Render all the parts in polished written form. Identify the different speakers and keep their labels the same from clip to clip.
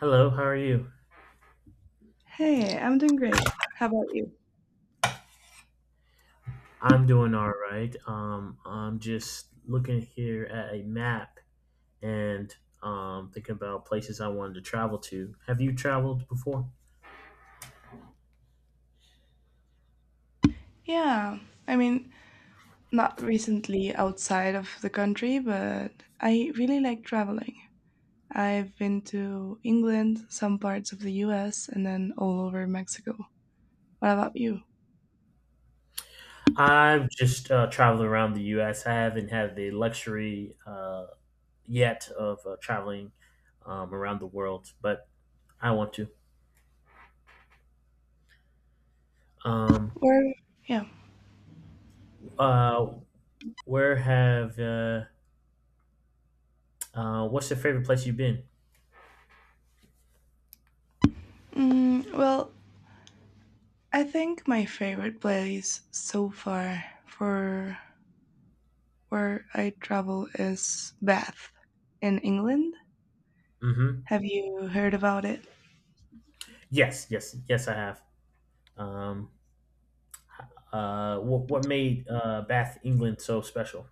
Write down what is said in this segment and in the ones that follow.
Speaker 1: Hello, how are you?
Speaker 2: Hey, I'm doing great. How about you?
Speaker 1: I'm doing all right. I'm just looking here at a map and thinking about places I wanted to travel to. Have you traveled before?
Speaker 2: Yeah, I mean, not recently outside of the country, but I really like traveling. I've been to England, some parts of the US, and then all over Mexico. What about you?
Speaker 1: I've just traveled around the U.S. I haven't had the luxury yet of traveling around the world, but I want to. Um,
Speaker 2: Where? Yeah.
Speaker 1: uh, where have What's your favorite place you've been?
Speaker 2: Mm, well, I think my favorite place so far for where I travel is Bath in England.
Speaker 1: Mm-hmm.
Speaker 2: Have you heard about it?
Speaker 1: Yes, yes, yes, I have. Um, what made Bath, England, so special?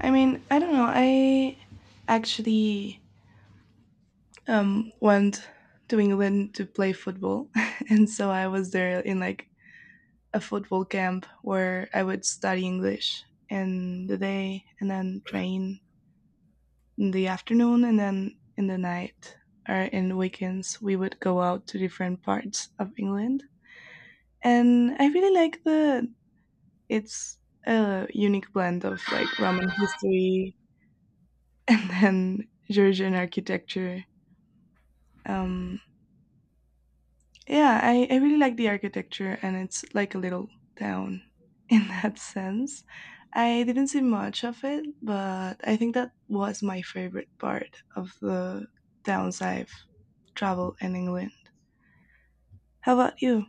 Speaker 2: I mean, I don't know. I actually went to England to play football, and so I was there in like a football camp where I would study English in the day and then train in the afternoon, and then in the night or in weekends we would go out to different parts of England. And I really like the it's a unique blend of like Roman history and then Georgian architecture. Um, yeah, I really like the architecture, and it's like a little town in that sense. I didn't see much of it, but I think that was my favorite part of the towns I've traveled in England. How about you?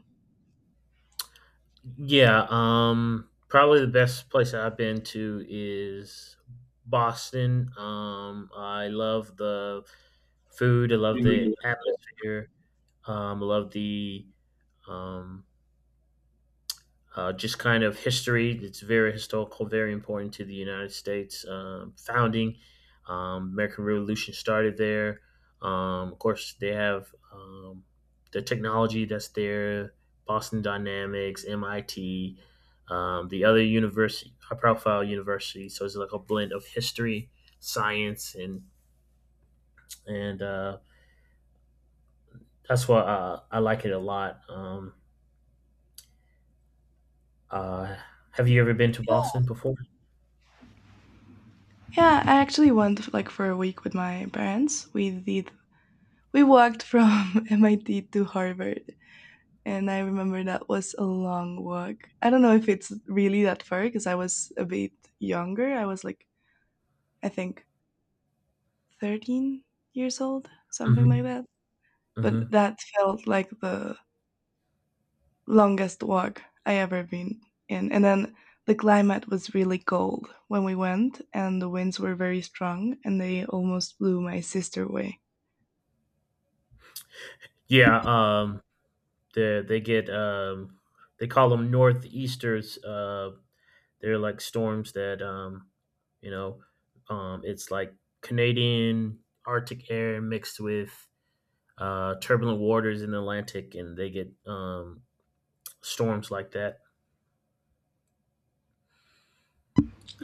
Speaker 1: Yeah, probably the best place that I've been to is Boston. I love the food. I love
Speaker 2: Yeah,
Speaker 1: the atmosphere. I love the um, just kind of history. It's very historical, very important to the United States founding. American Revolution started there. Of course, they have the technology that's there. Boston Dynamics, MIT, the other university, high profile university. So it's like a blend of history, science, and and uh, that's why I like it a lot. Uh, have you ever been to Boston before?
Speaker 2: I actually went like for a week with my parents. We walked from MIT to Harvard, and I remember that was a long walk. I don't know if it's really that far because I was a bit younger. I was like I think 13 years old, something like
Speaker 1: Mhm,
Speaker 2: that.
Speaker 1: mhm.
Speaker 2: But that felt like the longest walk I ever been in. And then the climate was really cold when we went, and the winds were very strong, and they almost blew my sister away.
Speaker 1: Yeah, they get they call them northeasters. They're like storms that you know, it's like Canadian Arctic air mixed with turbulent waters in the Atlantic, and they get storms like that.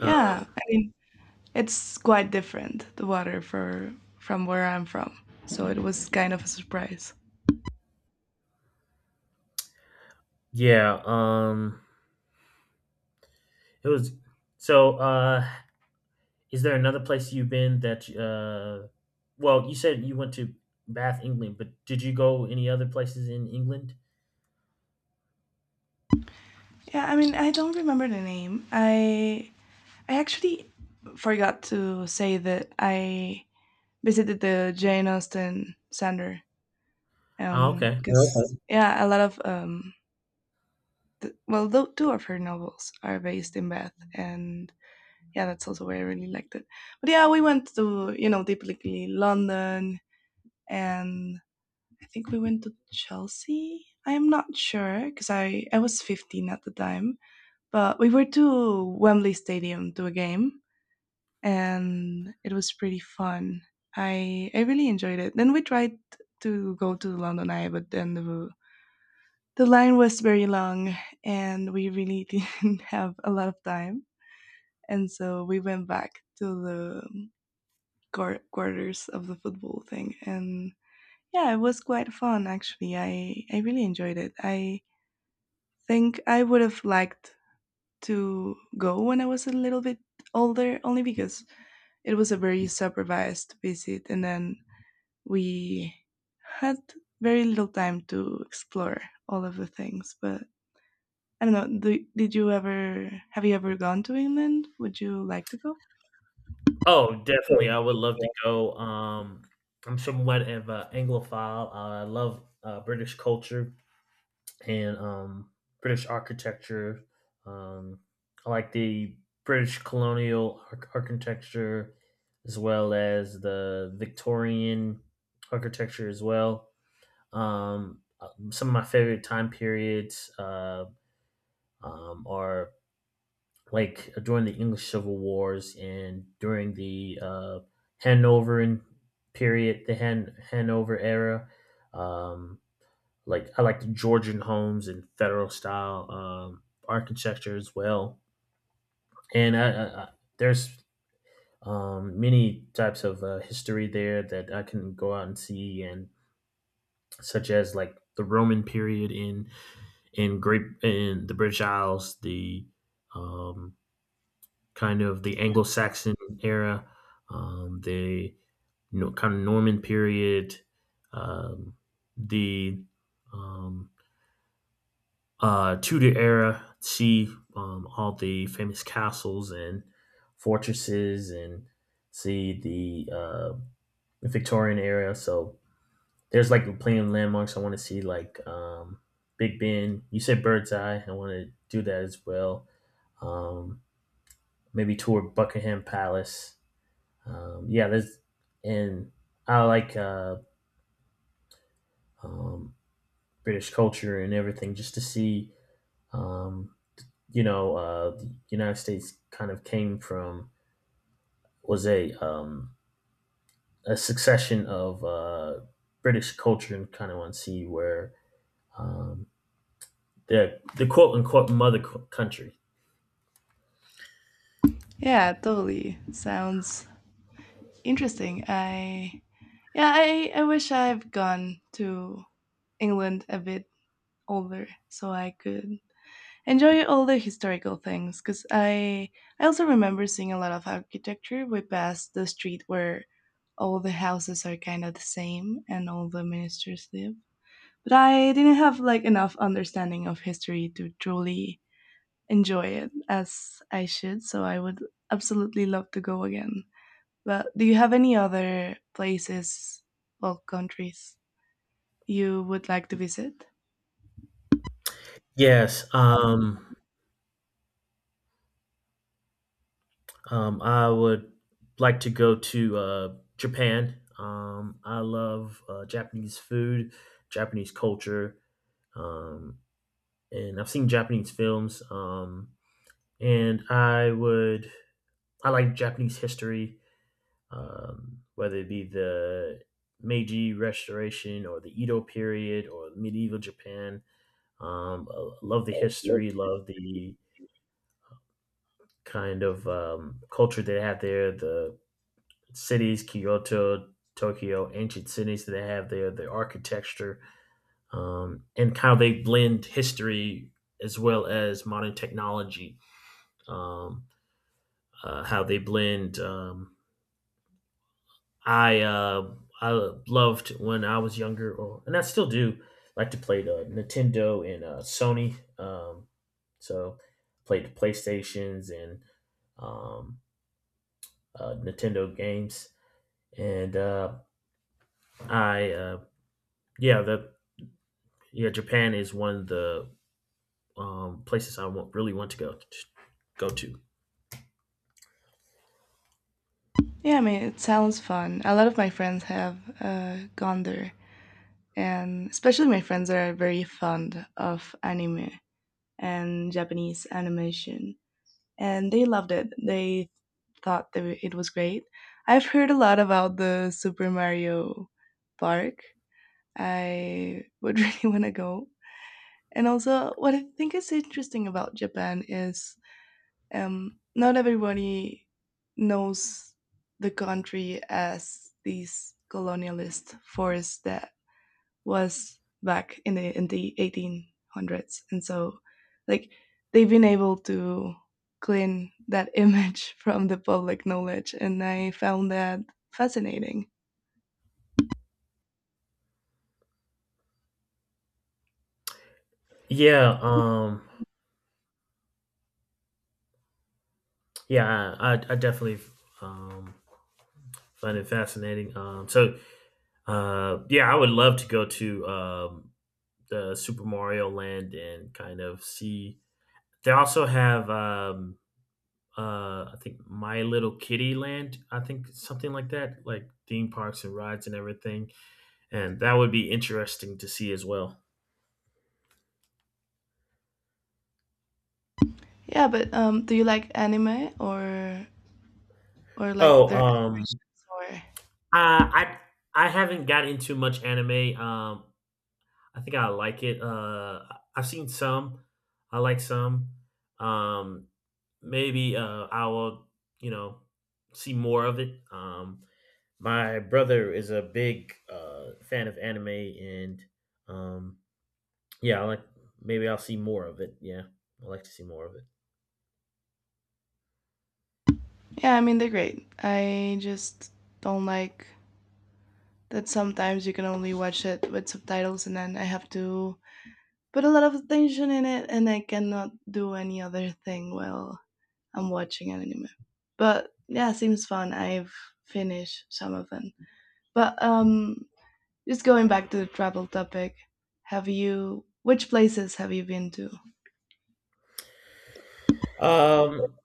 Speaker 1: Uh,
Speaker 2: I mean it's quite different the water for from where I'm from, so it was kind of a surprise.
Speaker 1: yeah, it was. So, is there another place you've been that? Well, you said you went to Bath, England, but did you go any other places in England?
Speaker 2: Yeah, I mean I don't remember the name. I actually forgot to say that I visited the Jane Austen Center
Speaker 1: Oh, okay.
Speaker 2: because okay, yeah, a lot of well, two of her novels are based in Bath, and yeah, that's also why I really liked it. But yeah, we went to, you know, typically London, and I think we went to Chelsea. I am not sure because I was 15 at the time, but we were to Wembley Stadium to a game, and it was pretty fun. I really enjoyed it. Then we tried to go to London Eye, but then the line was very long, and we really didn't have a lot of time, and so we went back to the quarters of the football thing, and yeah, it was quite fun actually. I really enjoyed it. I think I would have liked to go when I was a little bit older, only because it was a very supervised visit, and then we had very little time to explore all of the things. But I don't know. Do, did you ever Have you ever gone to England? Would you like to go?
Speaker 1: Oh,
Speaker 2: Yeah,
Speaker 1: definitely. I would love
Speaker 2: yeah.
Speaker 1: to go. I'm somewhat of an Anglophile. I love British culture and British architecture. Um, I like the British architecture as well as the Victorian architecture as well. Some of my favorite time periods are like during the English Civil Wars and during the Hanoveran period, the Hanover era. Um, like I like the Georgian homes and federal style architecture as well. And I, there's many types of history there that I can go out and see, and such as like the Roman period in the British Isles, the um, kind of the Anglo-Saxon era, um, the kind of Norman period, um, the um, Tudor era, see all the famous castles and fortresses, and see the Victorian era. So there's like plenty of landmarks. I want to see like Big Ben. You said Bird's Eye. I want to do that as well. Um, Maybe tour Buckingham Palace. Yeah, there's and I like um, British culture and everything just to see. Um, the United States kind of came from was a succession of British culture and kind of want to see where um, the quote unquote mother country.
Speaker 2: Yeah, totally. Sounds interesting. I wish I've gone to England a bit older so I could enjoy all the historical things because I also remember seeing a lot of architecture. We passed the street where all the houses are kind of the same and all the ministers live. But I didn't have like enough understanding of history to truly enjoy it as I should. So I would absolutely love to go again. But do you have any other places or countries you would like to visit?
Speaker 1: Yes, I would like to go to Japan. I love Japanese food, Japanese culture, um, and I've seen Japanese films. And I would I like Japanese history whether it be the Meiji Restoration or the Edo period or medieval Japan. I love the history, love the kind of culture they have there, the cities, Kyoto, Tokyo, ancient cities that they have there, the architecture, and how they blend history as well as modern technology. Um, how they blend I uh, I loved when I was younger, or, and I still do like to play the Nintendo and Sony. So played the PlayStations and um, Nintendo games, and I yeah the yeah Japan is one of the places I want, really want go to.
Speaker 2: Yeah, I mean, it sounds fun. A lot of my friends have gone there, and especially my friends are very fond of anime and Japanese animation, and they loved it. They thought that it was great. I've heard a lot about the Super Mario Park. I would really want to go. And also, what I think is interesting about Japan is not everybody knows the country as these colonialist force that was back in the 1800s, and so like they've been able to clean that image from the public knowledge, and I found that fascinating.
Speaker 1: Yeah, yeah, I definitely um, find it fascinating. Yeah, I would love to go to the Super Mario Land and kind of see. They also have I think My Little Kitty Land. I think something like that, like theme parks and rides and everything. And that would be interesting to see as well.
Speaker 2: Yeah, but do you like anime or like
Speaker 1: Oh,
Speaker 2: their animations or?
Speaker 1: uh, I I haven't got into much anime. I think I like it. I've seen some. I like some. Um, maybe I will, you know, see more of it. My brother is a big fan of anime, and um, yeah, I like maybe I'll see more of it. Yeah, I like to see more of it.
Speaker 2: Yeah, I mean they're great. I just don't like that sometimes you can only watch it with subtitles, and then I have to put a lot of attention in it, and I cannot do any other thing well I'm watching an anime. But yeah, seems fun. I've finished some of them. But just going back to the travel topic, have you? Which places have you been to?
Speaker 1: Um,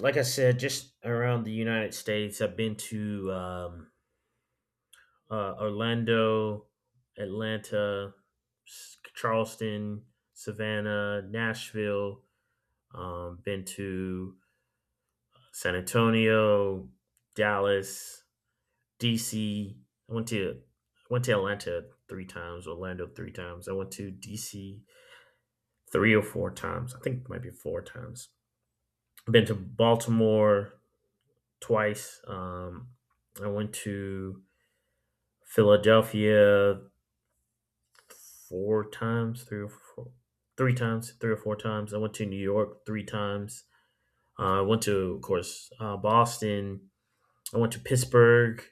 Speaker 1: like I said, just around the United States, I've been to Orlando, Atlanta, Charleston, Savannah, Nashville. Been to San Antonio, Dallas, DC. I went to I went to Atlanta three times, Orlando three times. I went to DC three or four times. I think it might be four times. I've been to Baltimore twice. I went to Philadelphia four times, three or four, three times, three or four times. I went to New York three times. I went to, of course, Boston. I went to Pittsburgh.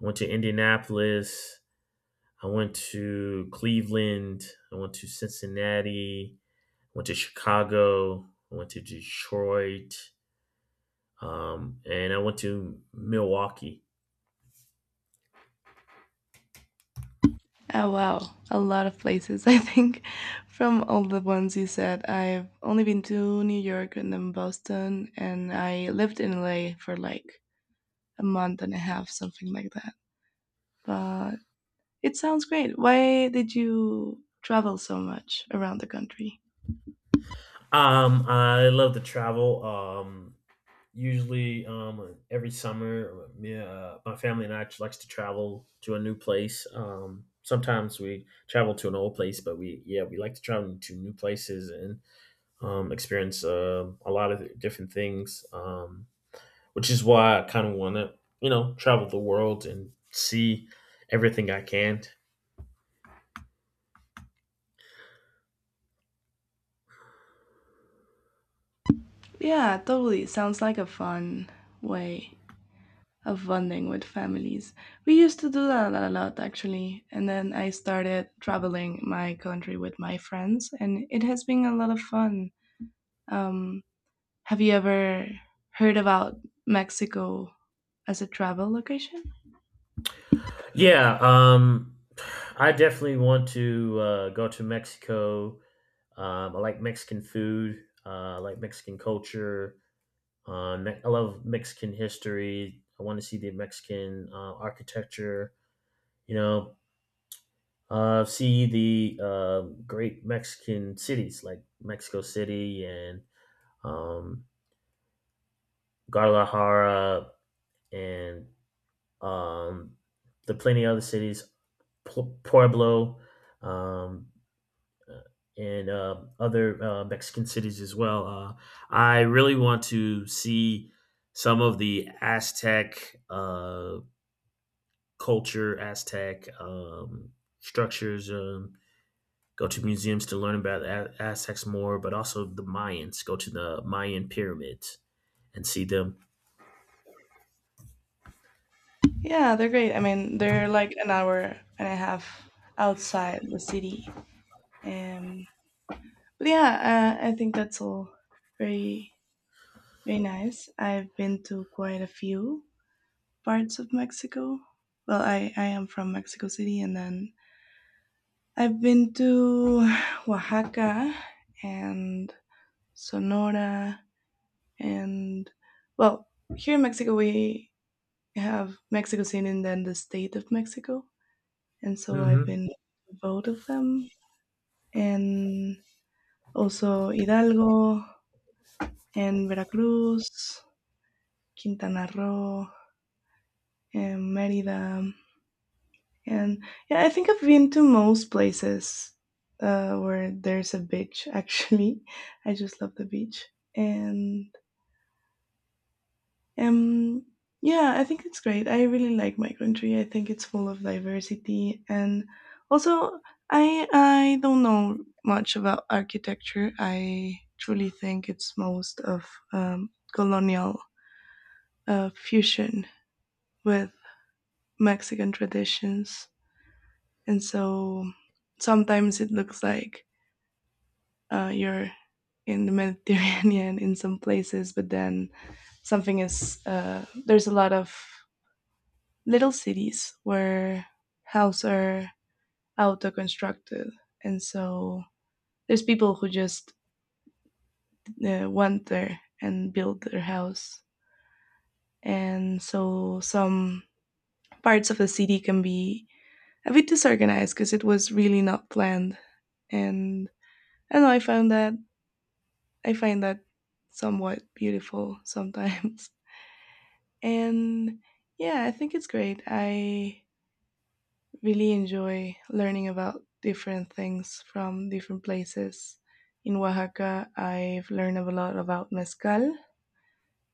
Speaker 1: I went to Indianapolis. I went to Cleveland. I went to Cincinnati. I went to Chicago. I went to Detroit. And I went to Milwaukee.
Speaker 2: Oh wow, a lot of places. I think from all the ones you said, I've only been to New York and then Boston, and I lived in LA for like a month and a half, something like that. But it sounds great. Why did you travel so much around the country?
Speaker 1: I love to travel. Every summer, my family and I likes to travel to a new place. Sometimes we travel to an old place, but we like to travel to new places and experience a lot of different things. Which is why I kind of want to, you know, travel the world and see everything I can.
Speaker 2: Yeah, totally. Sounds like a fun way of bonding with families. We used to do that a lot, actually. And then I started traveling my country with my friends, and it has been a lot of fun. Um, have you ever heard about Mexico as a travel location?
Speaker 1: Yeah, I definitely want to go to Mexico. I like Mexican food. I like Mexican culture. I love Mexican history. I want to see the Mexican architecture. You know, see the great Mexican cities like Mexico City and um, Guadalajara and um, the plenty of other cities, Pueblo, um, and other Mexican cities as well. I really want to see some of the Aztec culture, Aztec structures. Go to museums to learn about the Aztecs more, but also the Mayans. Go to the Mayan pyramids and see them.
Speaker 2: Yeah, they're great. I mean, they're like an hour and a half outside the city. Um, but yeah, I think that's all very very nice. I've been to quite a few parts of Mexico. Well, I am from Mexico City, and then I've been to Oaxaca and Sonora, and well, here in Mexico, we have Mexico City and then the state of Mexico. And so I've
Speaker 1: Hmm.
Speaker 2: been to both of them, and also Hidalgo and Veracruz, Quintana Roo, and Merida. And yeah, I think I've been to most places where there's a beach. Actually, I just love the beach, and um, yeah, I think it's great. I really like my country. I think it's full of diversity, and also I don't know much about architecture. I truly think it's most of colonial fusion with Mexican traditions, and so sometimes it looks like you're in the Mediterranean in some places, but then something is there's a lot of little cities where houses are auto constructed, and so there's people who just want there and build their house, and so some parts of the city can be a bit disorganized because it was really not planned, and I don't know. I find that somewhat beautiful sometimes. And yeah, I think it's great. I really enjoy learning about different things from different places. In Oaxaca, I've learned a lot about mezcal.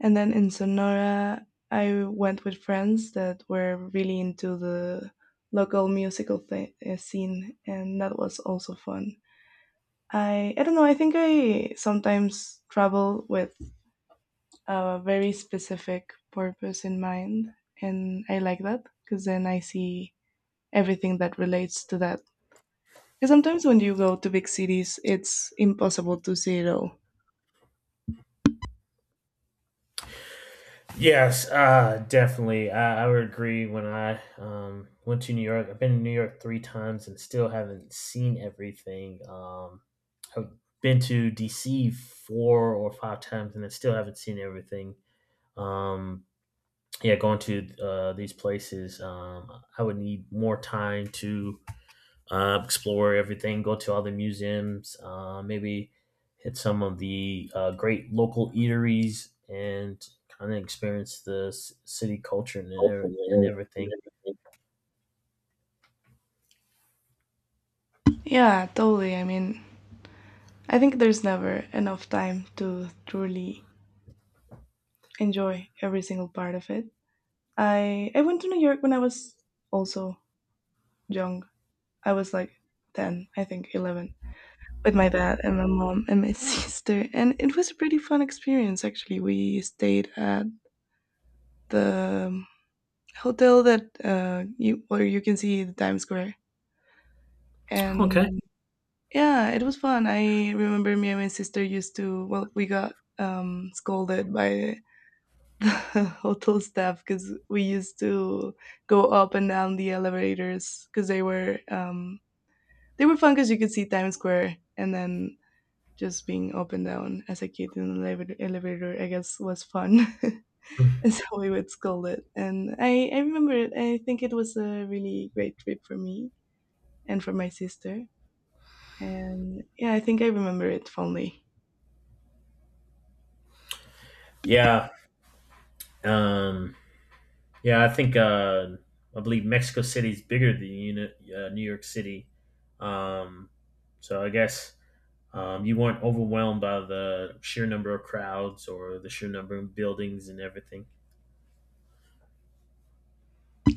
Speaker 2: And then in Sonora, I went with friends that were really into the local musical scene, and that was also fun. I don't know. I think I sometimes travel with a very specific purpose in mind, and I like that because then I see everything that relates to that, because sometimes when you go to big cities it's impossible to see it all.
Speaker 1: Yes, definitely. I would agree. When I went to New York, I've been to New York three times and still haven't seen everything. I've been to DC four or five times and I still haven't seen everything. Um, yeah, going to these places, I would need more time to explore everything, go to all the museums, maybe hit some of the great local eateries, and kind of experience the city culture and everything.
Speaker 2: Yeah, totally, I mean, I think there's never enough time to truly enjoy every single part of it. I went to New York when I was also young. I was like 10, I think 11, with my dad and my mom and my sister, and it was a pretty fun experience. Actually, we stayed at the hotel that you, where you can see the Times Square.
Speaker 1: Okay.
Speaker 2: And yeah, it was fun. I remember me and my sister used to, well, we got scolded by the hotel staff because we used to go up and down the elevators because they were fun because you could see Times Square, and then just being up and down as a kid in an elevator, elevator I guess, was fun. is how we would call it. And I remember it. I think it was a really great trip for me and for my sister. And yeah, I think I remember it fondly.
Speaker 1: Yeah, um, yeah, I think I believe Mexico City is bigger than New York City, um, so I guess. You weren't overwhelmed by the sheer number of crowds or the sheer number of buildings and everything.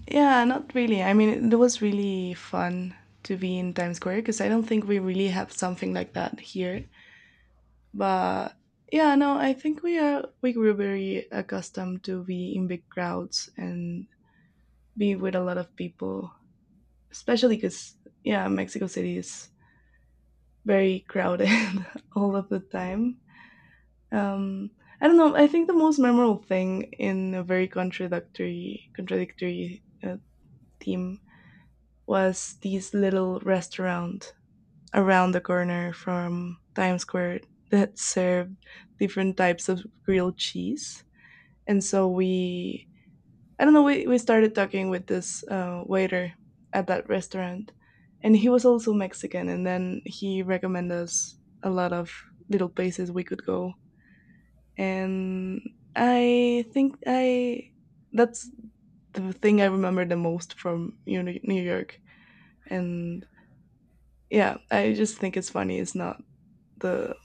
Speaker 2: Yeah, not really. I mean, it was really fun to be in Times Square because I don't think we really have something like that here. But yeah, no, I think we grew very accustomed to be in big crowds and be with a lot of people, especially because yeah, Mexico City is very crowded all of the time. Um, I don't know. I think the most memorable thing in a very contradictory theme was this little restaurant around the corner from Times Square that served different types of grilled cheese. And so we I don't know. We started talking with this waiter at that restaurant, and he was also Mexican. And then he recommended us a lot of little places we could go. And I that's the thing I remember the most from, you know, New York. And yeah, I just think it's funny. It's not the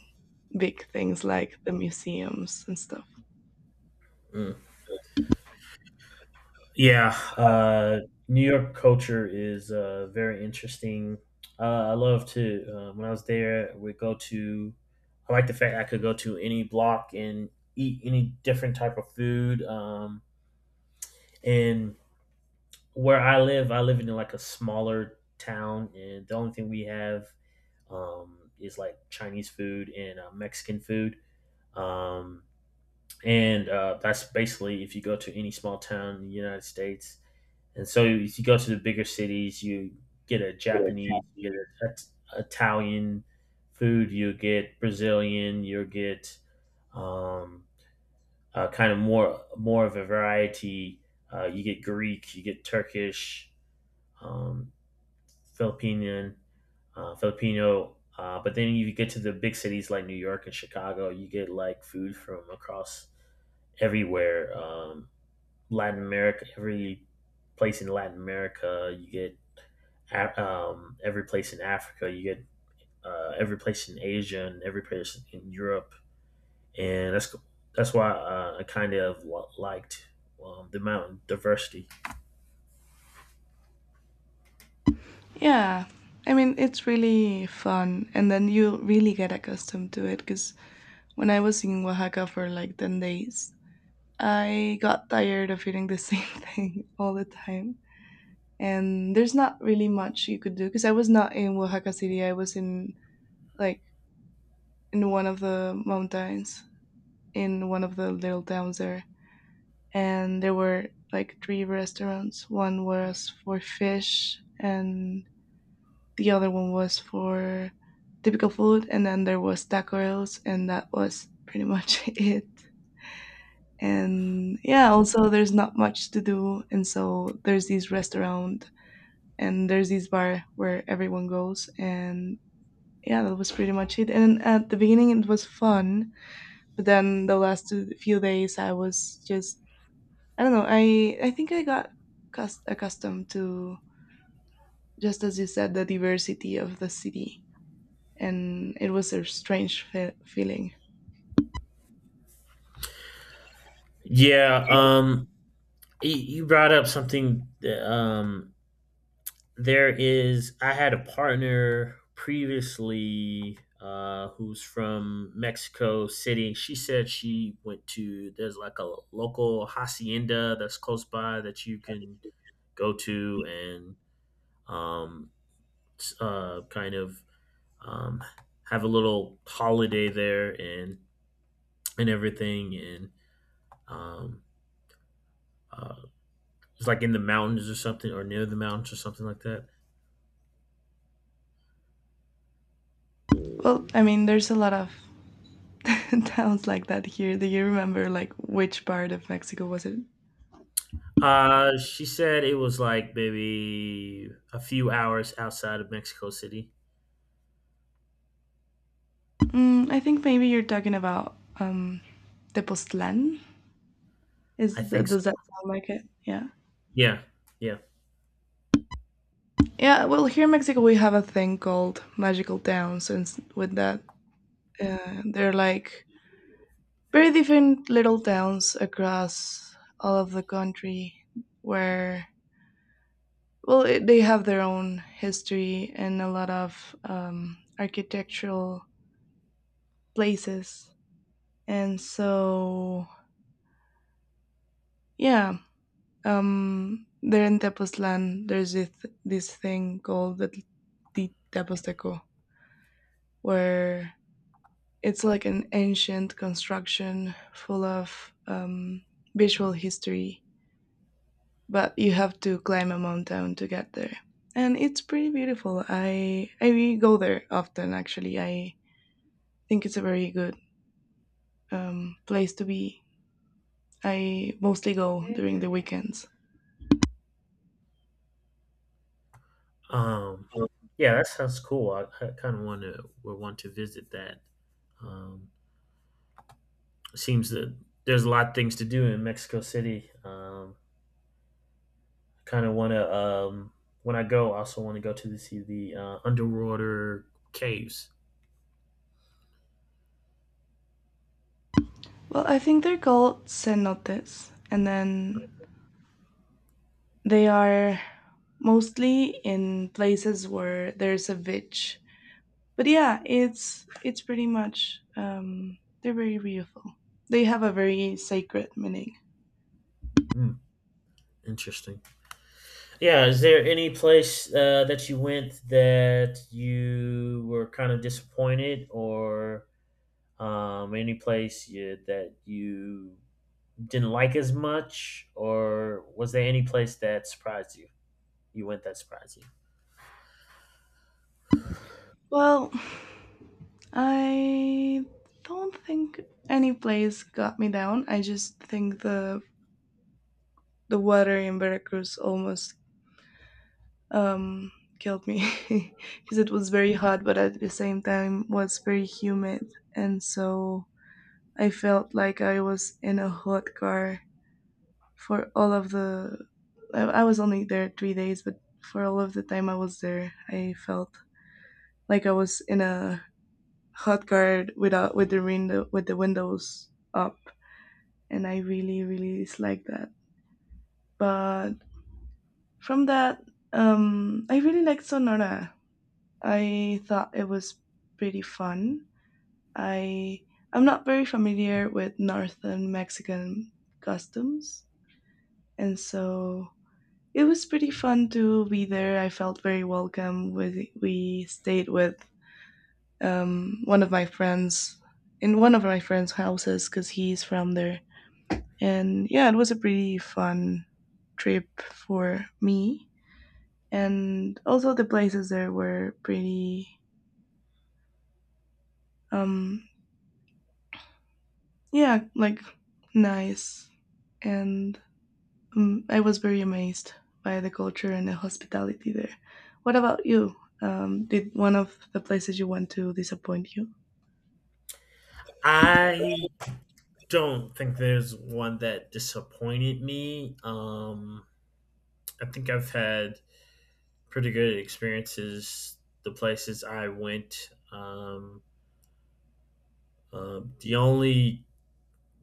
Speaker 2: big things like the museums and stuff.
Speaker 1: Mm. Yeah, uh, New York culture is very interesting. I love to when I was there, we go to. I like the fact I could go to any block and eat any different type of food. And Where I live in like a smaller town, and the only thing we have is like Chinese food and Mexican food. Um, and That's basically if you go to any small town in the United States, and so if you go to the bigger cities, you get a Japanese, you get a, Italian food, you get Brazilian, you get um, kind of more of a variety. You get Greek, you get Turkish, um, Filipino, Filipino. But then you get to the big cities like New York and Chicago, you get like food from across everywhere. Latin America, every place in Latin America, you get every place in Africa, you get every place in Asia, and every place in Europe, and that's cool. That's why I kind of liked the mountain diversity.
Speaker 2: Yeah, I mean, it's really fun, and then you really get accustomed to it because when I was in Oaxaca for like 10 days, I got tired of eating the same thing all the time. And there's not really much you could do because I was not in Oaxaca City. I was in like in one of the mountains, in one of the little towns there. And there were like three restaurants. One was for fish, and the other one was for typical food. And then there was tacos, and that was pretty much it. And yeah, also there's not much to do, and so there's this restaurant and there's this bar where everyone goes, and yeah, that was pretty much it. And at the beginning it was fun, but then the last few days I was just I don't know, I think I got accustomed to, just as you said, the diversity of the city. And it was a strange feeling.
Speaker 1: Yeah, you, you brought up something that, there is I had a partner previously who's from Mexico City. She said she went to there's like a local hacienda that's close by that you can go to and um, s- uh, kind of um, have a little holiday there and everything and um, uh, it's like in the mountains or something or near the mountains or something like that.
Speaker 2: Well, I mean there's a lot of towns like that here. Do you remember like which part of Mexico was it?
Speaker 1: She said it was like maybe a few hours outside of Mexico City.
Speaker 2: Mm, I think maybe you're talking about Tepoztlan.
Speaker 1: I
Speaker 2: Is that,
Speaker 1: think so.
Speaker 2: does that sound like it? Yeah.
Speaker 1: Yeah, yeah.
Speaker 2: Yeah. Well, here in Mexico we have a thing called magical towns, and with that, they're like very different little towns across all of the country where, well, it, they have their own history and a lot of architectural places. And so, yeah, there in Tepoztlan, there's this, this thing called the Teposteco, where it's like an ancient construction full of visual history, but you have to climb a mountain to get there. And it's pretty beautiful. I go there often actually. I think it's a very good place to be. I mostly go during the weekends.
Speaker 1: Um, yeah, that sounds cool. I kind of want to would want to visit that. Um, it seems that there's a lot of things to do in Mexico City. I kind of want to when I go, I also want to go see the underwater caves.
Speaker 2: Well, I think they're called cenotes, and then they are mostly in places where there's a beach. But yeah, it's pretty much they're very beautiful. They have a very sacred meaning.
Speaker 1: Hmm, interesting. Yeah, is there any place that you went that you were kind of disappointed, or any place you, that you didn't like as much, or was there any place that surprised you? You went that surprised you?
Speaker 2: Well, I don't think any place got me down. I just think the water in Veracruz almost um, killed me because it was very hot, but at the same time was very humid, and so I felt like I was in a hot car for all of the. I was only there 3 days, but for all of the time I was there, I felt like I was in a hot car without with the window with the windows up, and I really really disliked that. But from that, I really liked Sonora. I thought it was pretty fun. I I'm not very familiar with northern Mexican customs, and so it was pretty fun to be there. I felt very welcome. With we stayed with one of my friends in one of my friends' houses because he's from there, and yeah, it was a pretty fun trip for me. And also the places there were pretty um, yeah, like nice. And I was very amazed by the culture and the hospitality there. What about you? Did one of the places you went to disappoint you?
Speaker 1: I don't think there's one that disappointed me. I think I've had pretty good experiences the places I went. The only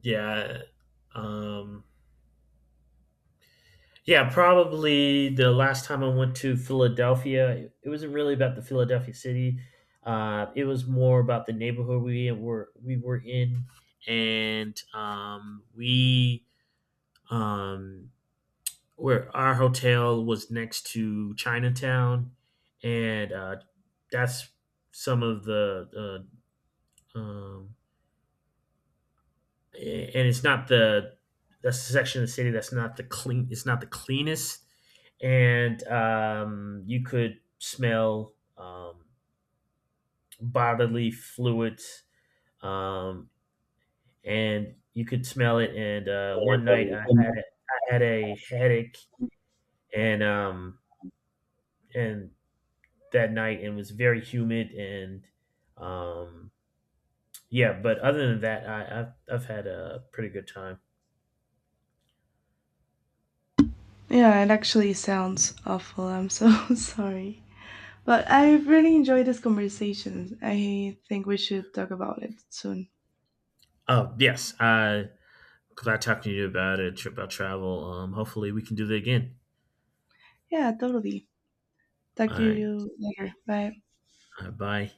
Speaker 1: Yeah. Um, yeah, probably the last time I went to Philadelphia, it wasn't really about the Philadelphia city. It was more about the neighborhood we were in, and we um, where our hotel was next to Chinatown, and that's some of the uh, um, and it's not the that's the section of the city that's not the clean. It's not the cleanest, and you could smell bodily fluids, um, and you could smell it. And one night
Speaker 2: um,
Speaker 1: I had a headache, and and that night and it was very humid and um, yeah. But other than that, I've had a pretty good time.
Speaker 2: Yeah, it actually sounds awful. I'm so sorry. But I really enjoyed this conversation. I think we should talk about it soon.
Speaker 1: Oh yes, I glad talking to you about it, about travel. Hopefully we can do that again.
Speaker 2: Yeah, totally. Talk
Speaker 1: All
Speaker 2: to
Speaker 1: right.
Speaker 2: you later. Bye.
Speaker 1: All right, bye.